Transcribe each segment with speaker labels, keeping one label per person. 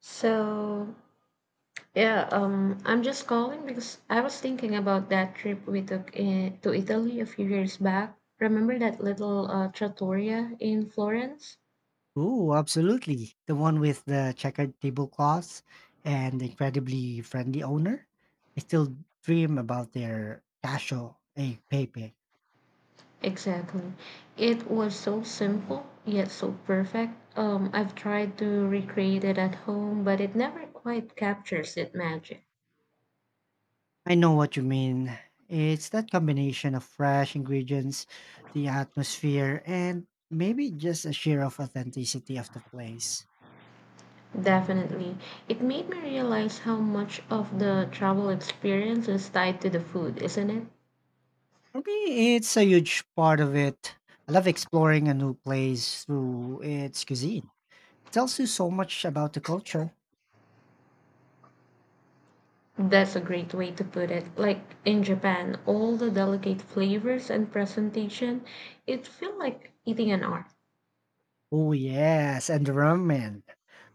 Speaker 1: So, yeah, I'm just calling because I was thinking about that trip we took to Italy a few years back. Remember that little trattoria in Florence?
Speaker 2: Ooh, absolutely. The one with the checkered tablecloths and the incredibly friendly owner. I still dream about their casho e pepe.
Speaker 1: Exactly. It was so simple, yet so perfect. I've tried to recreate it at home, but it never quite captures its magic.
Speaker 2: I know what you mean. It's that combination of fresh ingredients, the atmosphere, and maybe just a share of authenticity of the place.
Speaker 1: Definitely. It made me realize how much of the travel experience is tied to the food, isn't it?
Speaker 2: For me, it's a huge part of it. I love exploring a new place through its cuisine. It tells you so much about the culture.
Speaker 1: That's a great way to put it. Like in Japan, all the delicate flavors and presentation, it feel like eating an art.
Speaker 2: Oh yes, and the ramen.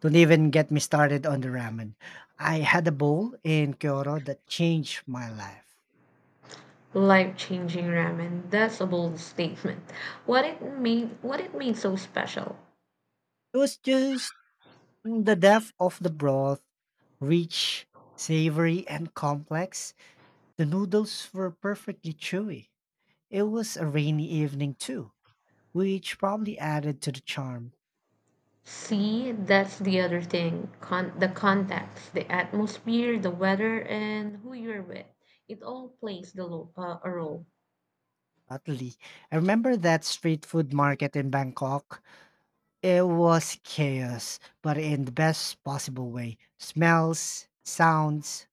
Speaker 2: Don't even get me started on the ramen. I had a bowl in Kyoto that changed my life.
Speaker 1: Life-changing ramen. That's a bold statement. What it made so special.
Speaker 2: It was just the depth of the broth, rich, savory, and complex. The noodles were perfectly chewy. It was a rainy evening too, which probably added to the charm.
Speaker 1: See, that's the other thing. The context, the atmosphere, the weather, and who you're with. It all plays a role.
Speaker 2: Utterly. I remember that street food market in Bangkok. It was chaos, but in the best possible way. Smells, sounds,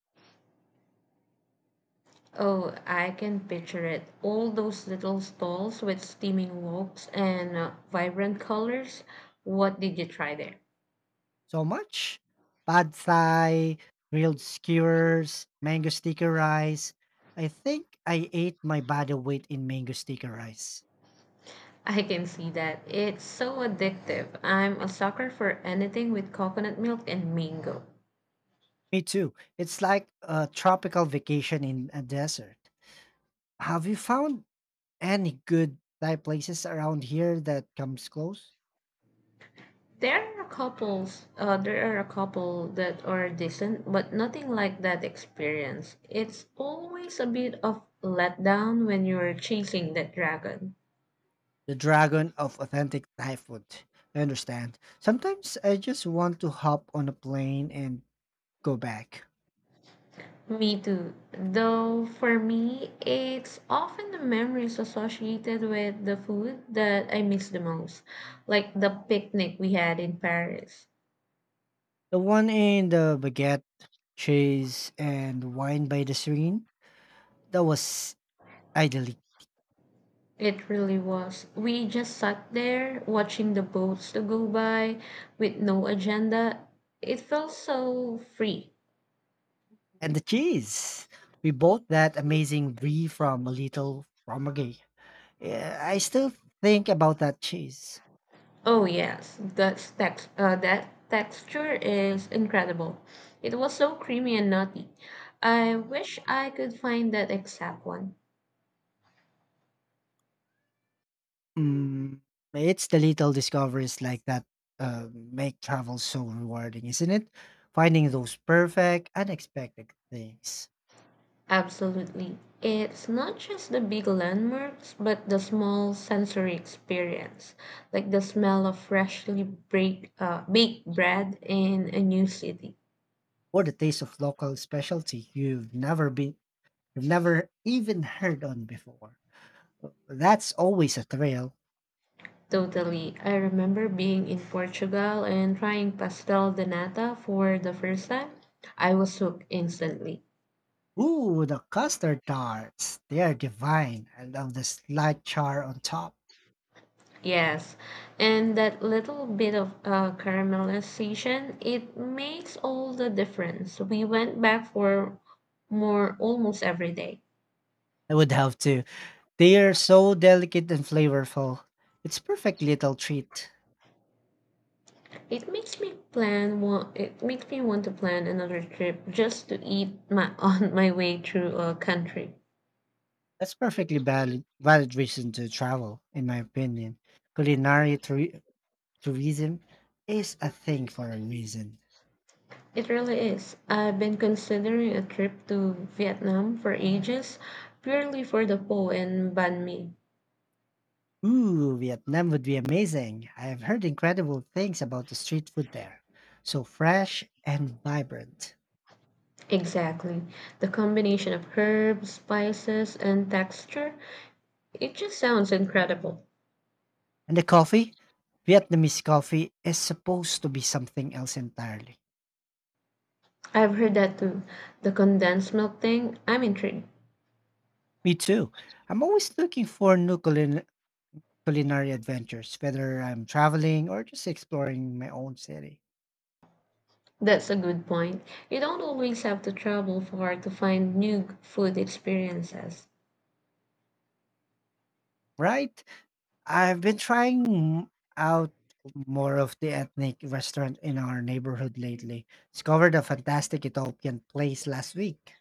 Speaker 1: Oh, I can picture it. All those little stalls with steaming woks and vibrant colors. What did you try there?
Speaker 2: so much. Pad thai, grilled skewers, mango sticker rice. I think I ate my body weight in mango sticker rice.
Speaker 1: I can see that. It's so addictive. I'm a sucker for anything with coconut milk and mango.
Speaker 2: Me too. It's like a tropical vacation in a desert. Have you found any good Thai places around here that comes close?
Speaker 1: There are a couple that are decent, but nothing like that experience. It's always a bit of letdown when you're chasing that dragon.
Speaker 2: The dragon of authentic Thai food. I understand. Sometimes I just want to hop on a plane and go back.
Speaker 1: Me too. Though for me, it's often the memories associated with the food that I miss the most, like the picnic we had in Paris.
Speaker 2: The one in the baguette, cheese, and wine by the serene, that was idyllic.
Speaker 1: It really was. We just sat there watching the boats to go by with no agenda. It felt so free.
Speaker 2: And the cheese. We bought that amazing brie from a little fromagerie. Yeah, I still think about that cheese.
Speaker 1: Oh yes, that texture is incredible. It was so creamy and nutty. I wish I could find that exact one.
Speaker 2: Mm, it's the little discoveries like that make travel so rewarding, isn't it? Finding those perfect, unexpected things,
Speaker 1: Absolutely. It's not just the big landmarks, but the small sensory experience, like the smell of baked bread in a new city.
Speaker 2: or the taste of local specialty you've never even heard on before. That's always a thrill.
Speaker 1: Totally. I remember being in Portugal and trying pastel de nata for the first time. I was hooked instantly.
Speaker 2: Ooh, the custard tarts. They are divine. I love the slight char on top.
Speaker 1: Yes, and that little bit of caramelization, it makes all the difference. We went back for more almost every day.
Speaker 2: I would have to. They are so delicate and flavorful. It's perfect little treat.
Speaker 1: It makes me plan one. It makes me want to plan another trip just to eat my on my way through a country.
Speaker 2: That's perfectly valid reason to travel, in my opinion. Culinary tourism is a thing for a reason.
Speaker 1: It really is. I've been considering a trip to Vietnam for ages, purely for the pho and banh mi.
Speaker 2: Ooh, Vietnam would be amazing. I have heard incredible things about the street food there. So fresh and vibrant.
Speaker 1: Exactly. The combination of herbs, spices, and texture, it just sounds incredible.
Speaker 2: And the coffee? Vietnamese coffee is supposed to be something else entirely.
Speaker 1: I've heard that too. The condensed milk thing, I'm intrigued.
Speaker 2: Me too. I'm always looking for new culinary adventures, whether I'm traveling or just exploring my own city.
Speaker 1: That's a good point. You don't always have to travel far to find new food experiences.
Speaker 2: Right? I've been trying out more of the ethnic restaurant in our neighborhood lately. Discovered a fantastic Ethiopian place last week.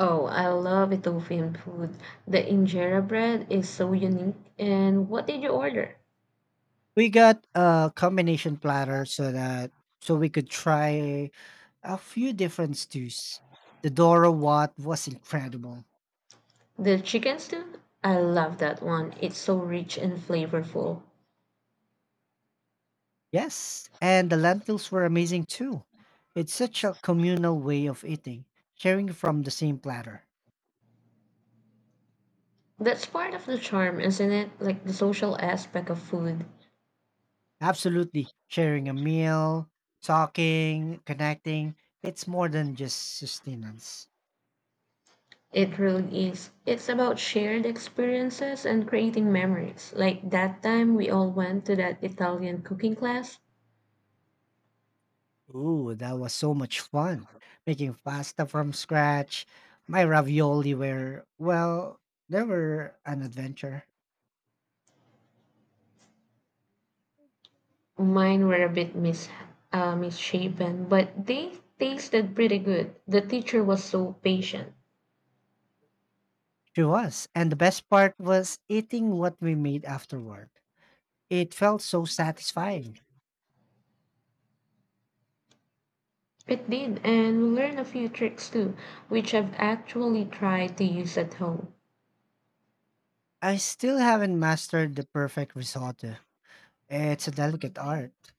Speaker 1: Oh, I love Ethiopian food. The injera bread is so unique. And what did you order?
Speaker 2: We got a combination platter so we could try a few different stews. The Doro Wat was incredible.
Speaker 1: The chicken stew? I love that one. It's so rich and flavorful.
Speaker 2: Yes, and the lentils were amazing too. It's such a communal way of eating, sharing from the same platter.
Speaker 1: That's part of the charm, isn't it? Like the social aspect of food.
Speaker 2: Absolutely. Sharing a meal, talking, connecting, it's more than just sustenance.
Speaker 1: It really is. It's about shared experiences and creating memories. Like that time we all went to that Italian cooking class.
Speaker 2: Ooh, that was so much fun. Making pasta from scratch. My ravioli were, well, they were an adventure.
Speaker 1: Mine were a bit misshapen, but they tasted pretty good. The teacher was so patient.
Speaker 2: She was. And the best part was eating what we made afterward. It felt so satisfying.
Speaker 1: It did, and we learned a few tricks too, which I've actually tried to use at home.
Speaker 2: I still haven't mastered the perfect risotto. It's a delicate art.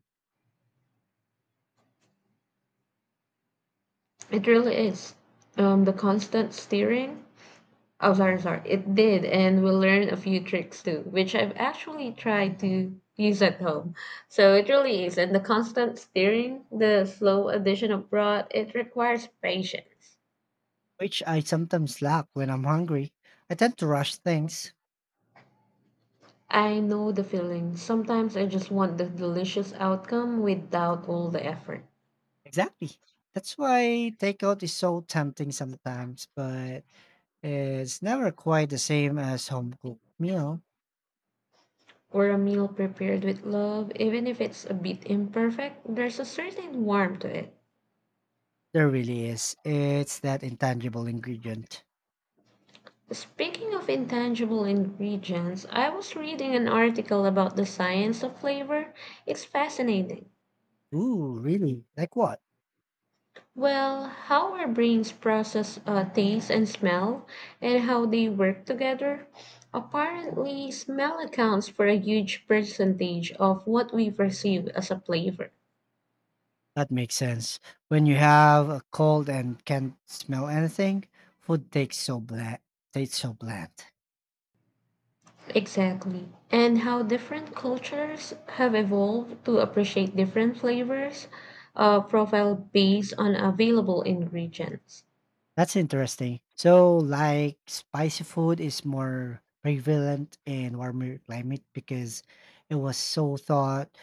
Speaker 1: It really is. The constant steering. Oh, sorry, sorry. It did, and we learned a few tricks too, which I've actually tried to use at home. So it really is, and the constant steering, the slow addition of broth, it requires patience.
Speaker 2: Which I sometimes lack when I'm hungry. I tend to rush things.
Speaker 1: I know the feeling. Sometimes I just want the delicious outcome without all the effort.
Speaker 2: Exactly. That's why takeout is so tempting sometimes, but it's never quite the same as home cooked meal.
Speaker 1: Or a meal prepared with love, even if it's a bit imperfect, there's a certain warmth to it.
Speaker 2: There really is. It's that intangible ingredient.
Speaker 1: Speaking of intangible ingredients, I was reading an article about the science of flavor. It's fascinating.
Speaker 2: Ooh, really? Like what?
Speaker 1: Well, how our brains process taste and smell and how they work together. Apparently, smell accounts for a huge percentage of what we perceive as a flavor.
Speaker 2: That makes sense. When you have a cold and can't smell anything, food takes so bland. Tastes so bland.
Speaker 1: Exactly. And how different cultures have evolved to appreciate different flavors profile based on available ingredients.
Speaker 2: That's interesting. So, like, spicy food is more prevalent in warmer climate because it was so thought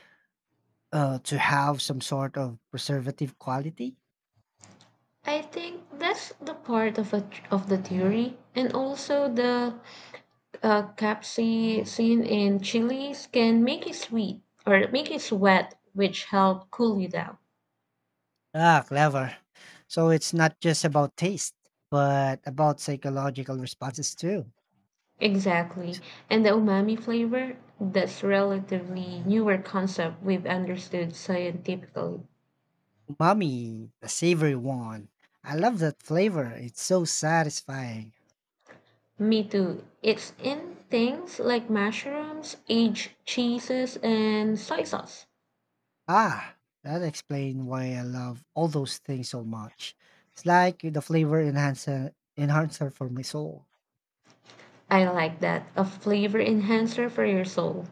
Speaker 2: uh, to have some sort of preservative quality.
Speaker 1: I think that's the part of the theory and also the capsaicin in chilies can make you sweet or make you sweat, which help cool you down.
Speaker 2: Ah, clever. So it's not just about taste, but about psychological responses too.
Speaker 1: Exactly. And the umami flavor, that's relatively newer concept we've understood scientifically.
Speaker 2: Umami, the savory one. I love that flavor. It's so satisfying.
Speaker 1: Me too. It's in things like mushrooms, aged cheeses, and soy sauce.
Speaker 2: Ah, that explains why I love all those things so much. It's like the flavor enhancer for my soul.
Speaker 1: I like that. A flavor enhancer for your soul.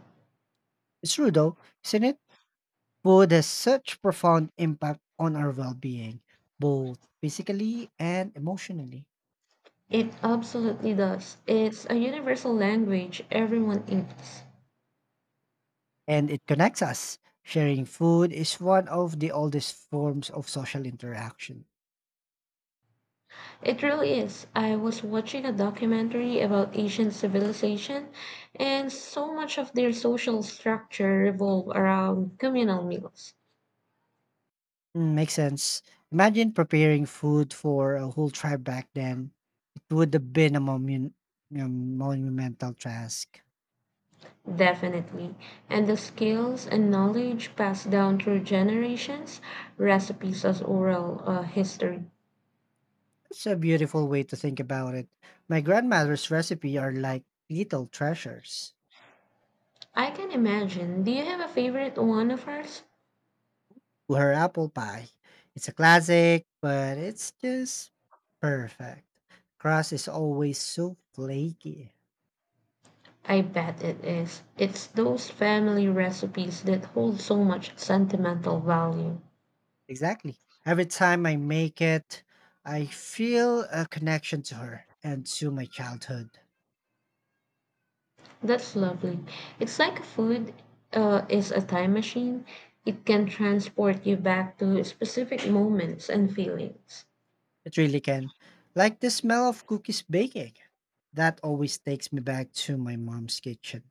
Speaker 2: It's true though, isn't it? Food has such profound impact on our well-being, both physically and emotionally.
Speaker 1: It absolutely does. It's a universal language everyone eats.
Speaker 2: And it connects us. Sharing food is one of the oldest forms of social interaction.
Speaker 1: It really is. I was watching a documentary about Asian civilization, and so much of their social structure revolved around communal meals.
Speaker 2: Mm, makes sense. Imagine preparing food for a whole tribe back then. It would have been a monumental task.
Speaker 1: Definitely. And the skills and knowledge passed down through generations, recipes as oral history.
Speaker 2: It's a beautiful way to think about it. My grandmother's recipe are like little treasures.
Speaker 1: I can imagine. Do you have a favorite one of hers?
Speaker 2: Her apple pie. It's a classic, but it's just perfect. Crust is always so flaky.
Speaker 1: I bet it is. It's those family recipes that hold so much sentimental value.
Speaker 2: Exactly. Every time I make it, I feel a connection to her and to my childhood.
Speaker 1: That's lovely. It's like food is a time machine. It can transport you back to specific moments and feelings.
Speaker 2: It really can. Like the smell of cookies baking. That always takes me back to my mom's kitchen.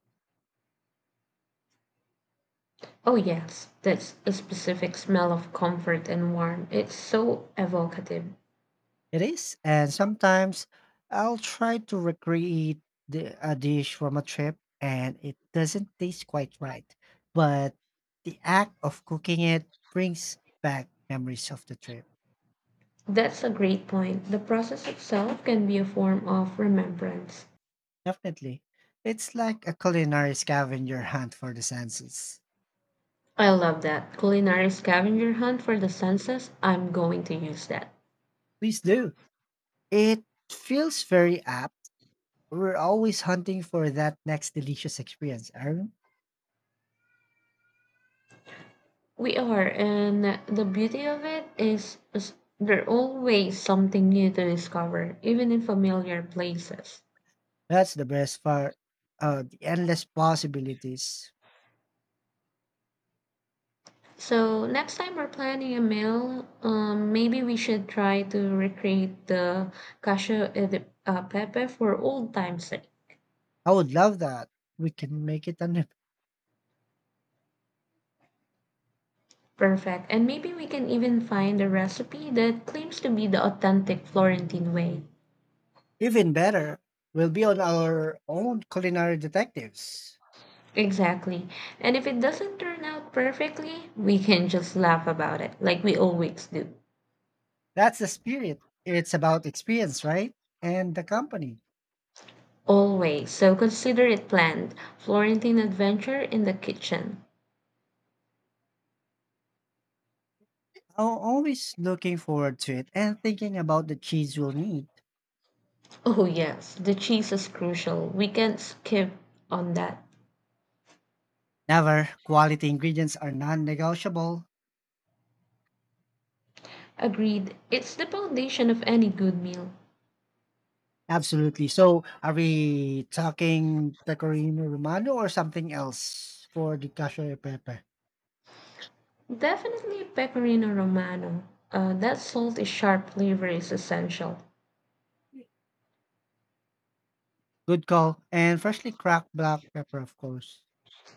Speaker 1: Oh, yes, that's a specific smell of comfort and warmth. It's so evocative.
Speaker 2: It is, and sometimes I'll try to recreate a dish from a trip and it doesn't taste quite right. But the act of cooking it brings back memories of the trip.
Speaker 1: That's a great point. The process itself can be a form of remembrance.
Speaker 2: Definitely. It's like a culinary scavenger hunt for the senses.
Speaker 1: I love that. Culinary scavenger hunt for the senses. I'm going to use that.
Speaker 2: Please do. It feels very apt. We're always hunting for that next delicious experience, Aaron.
Speaker 1: We are, and the beauty of it is there's always something new to discover, even in familiar places.
Speaker 2: That's the best part. The endless possibilities.
Speaker 1: So next time we're planning a meal, maybe we should try to recreate the pepe for old time's sake.
Speaker 2: I would love that. We can make it an
Speaker 1: Perfect. And maybe we can even find a recipe that claims to be the authentic Florentine way.
Speaker 2: even better. We'll be on our own culinary detectives.
Speaker 1: Exactly. And if it doesn't turn out perfectly, we can just laugh about it, like we always do.
Speaker 2: That's the spirit. It's about experience, right? And the company.
Speaker 1: Always. So consider it planned. Florentine adventure in the kitchen.
Speaker 2: I'm always looking forward to it and thinking about the cheese we'll need.
Speaker 1: Oh, yes, the cheese is crucial. We can't skip on that.
Speaker 2: Never. Quality ingredients are non negotiable.
Speaker 1: Agreed. It's the foundation of any good meal.
Speaker 2: Absolutely. So, are we talking pecorino romano or something else for the cashew e pepe?
Speaker 1: Definitely a pecorino romano. That salt is sharp flavor is essential.
Speaker 2: Good call. And freshly cracked black pepper, of course.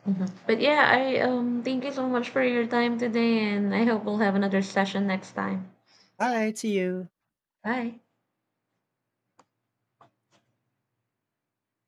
Speaker 1: Mhm. But yeah, I thank you so much for your time today, and I hope we'll have another session next time.
Speaker 2: All right, see you.
Speaker 1: Bye.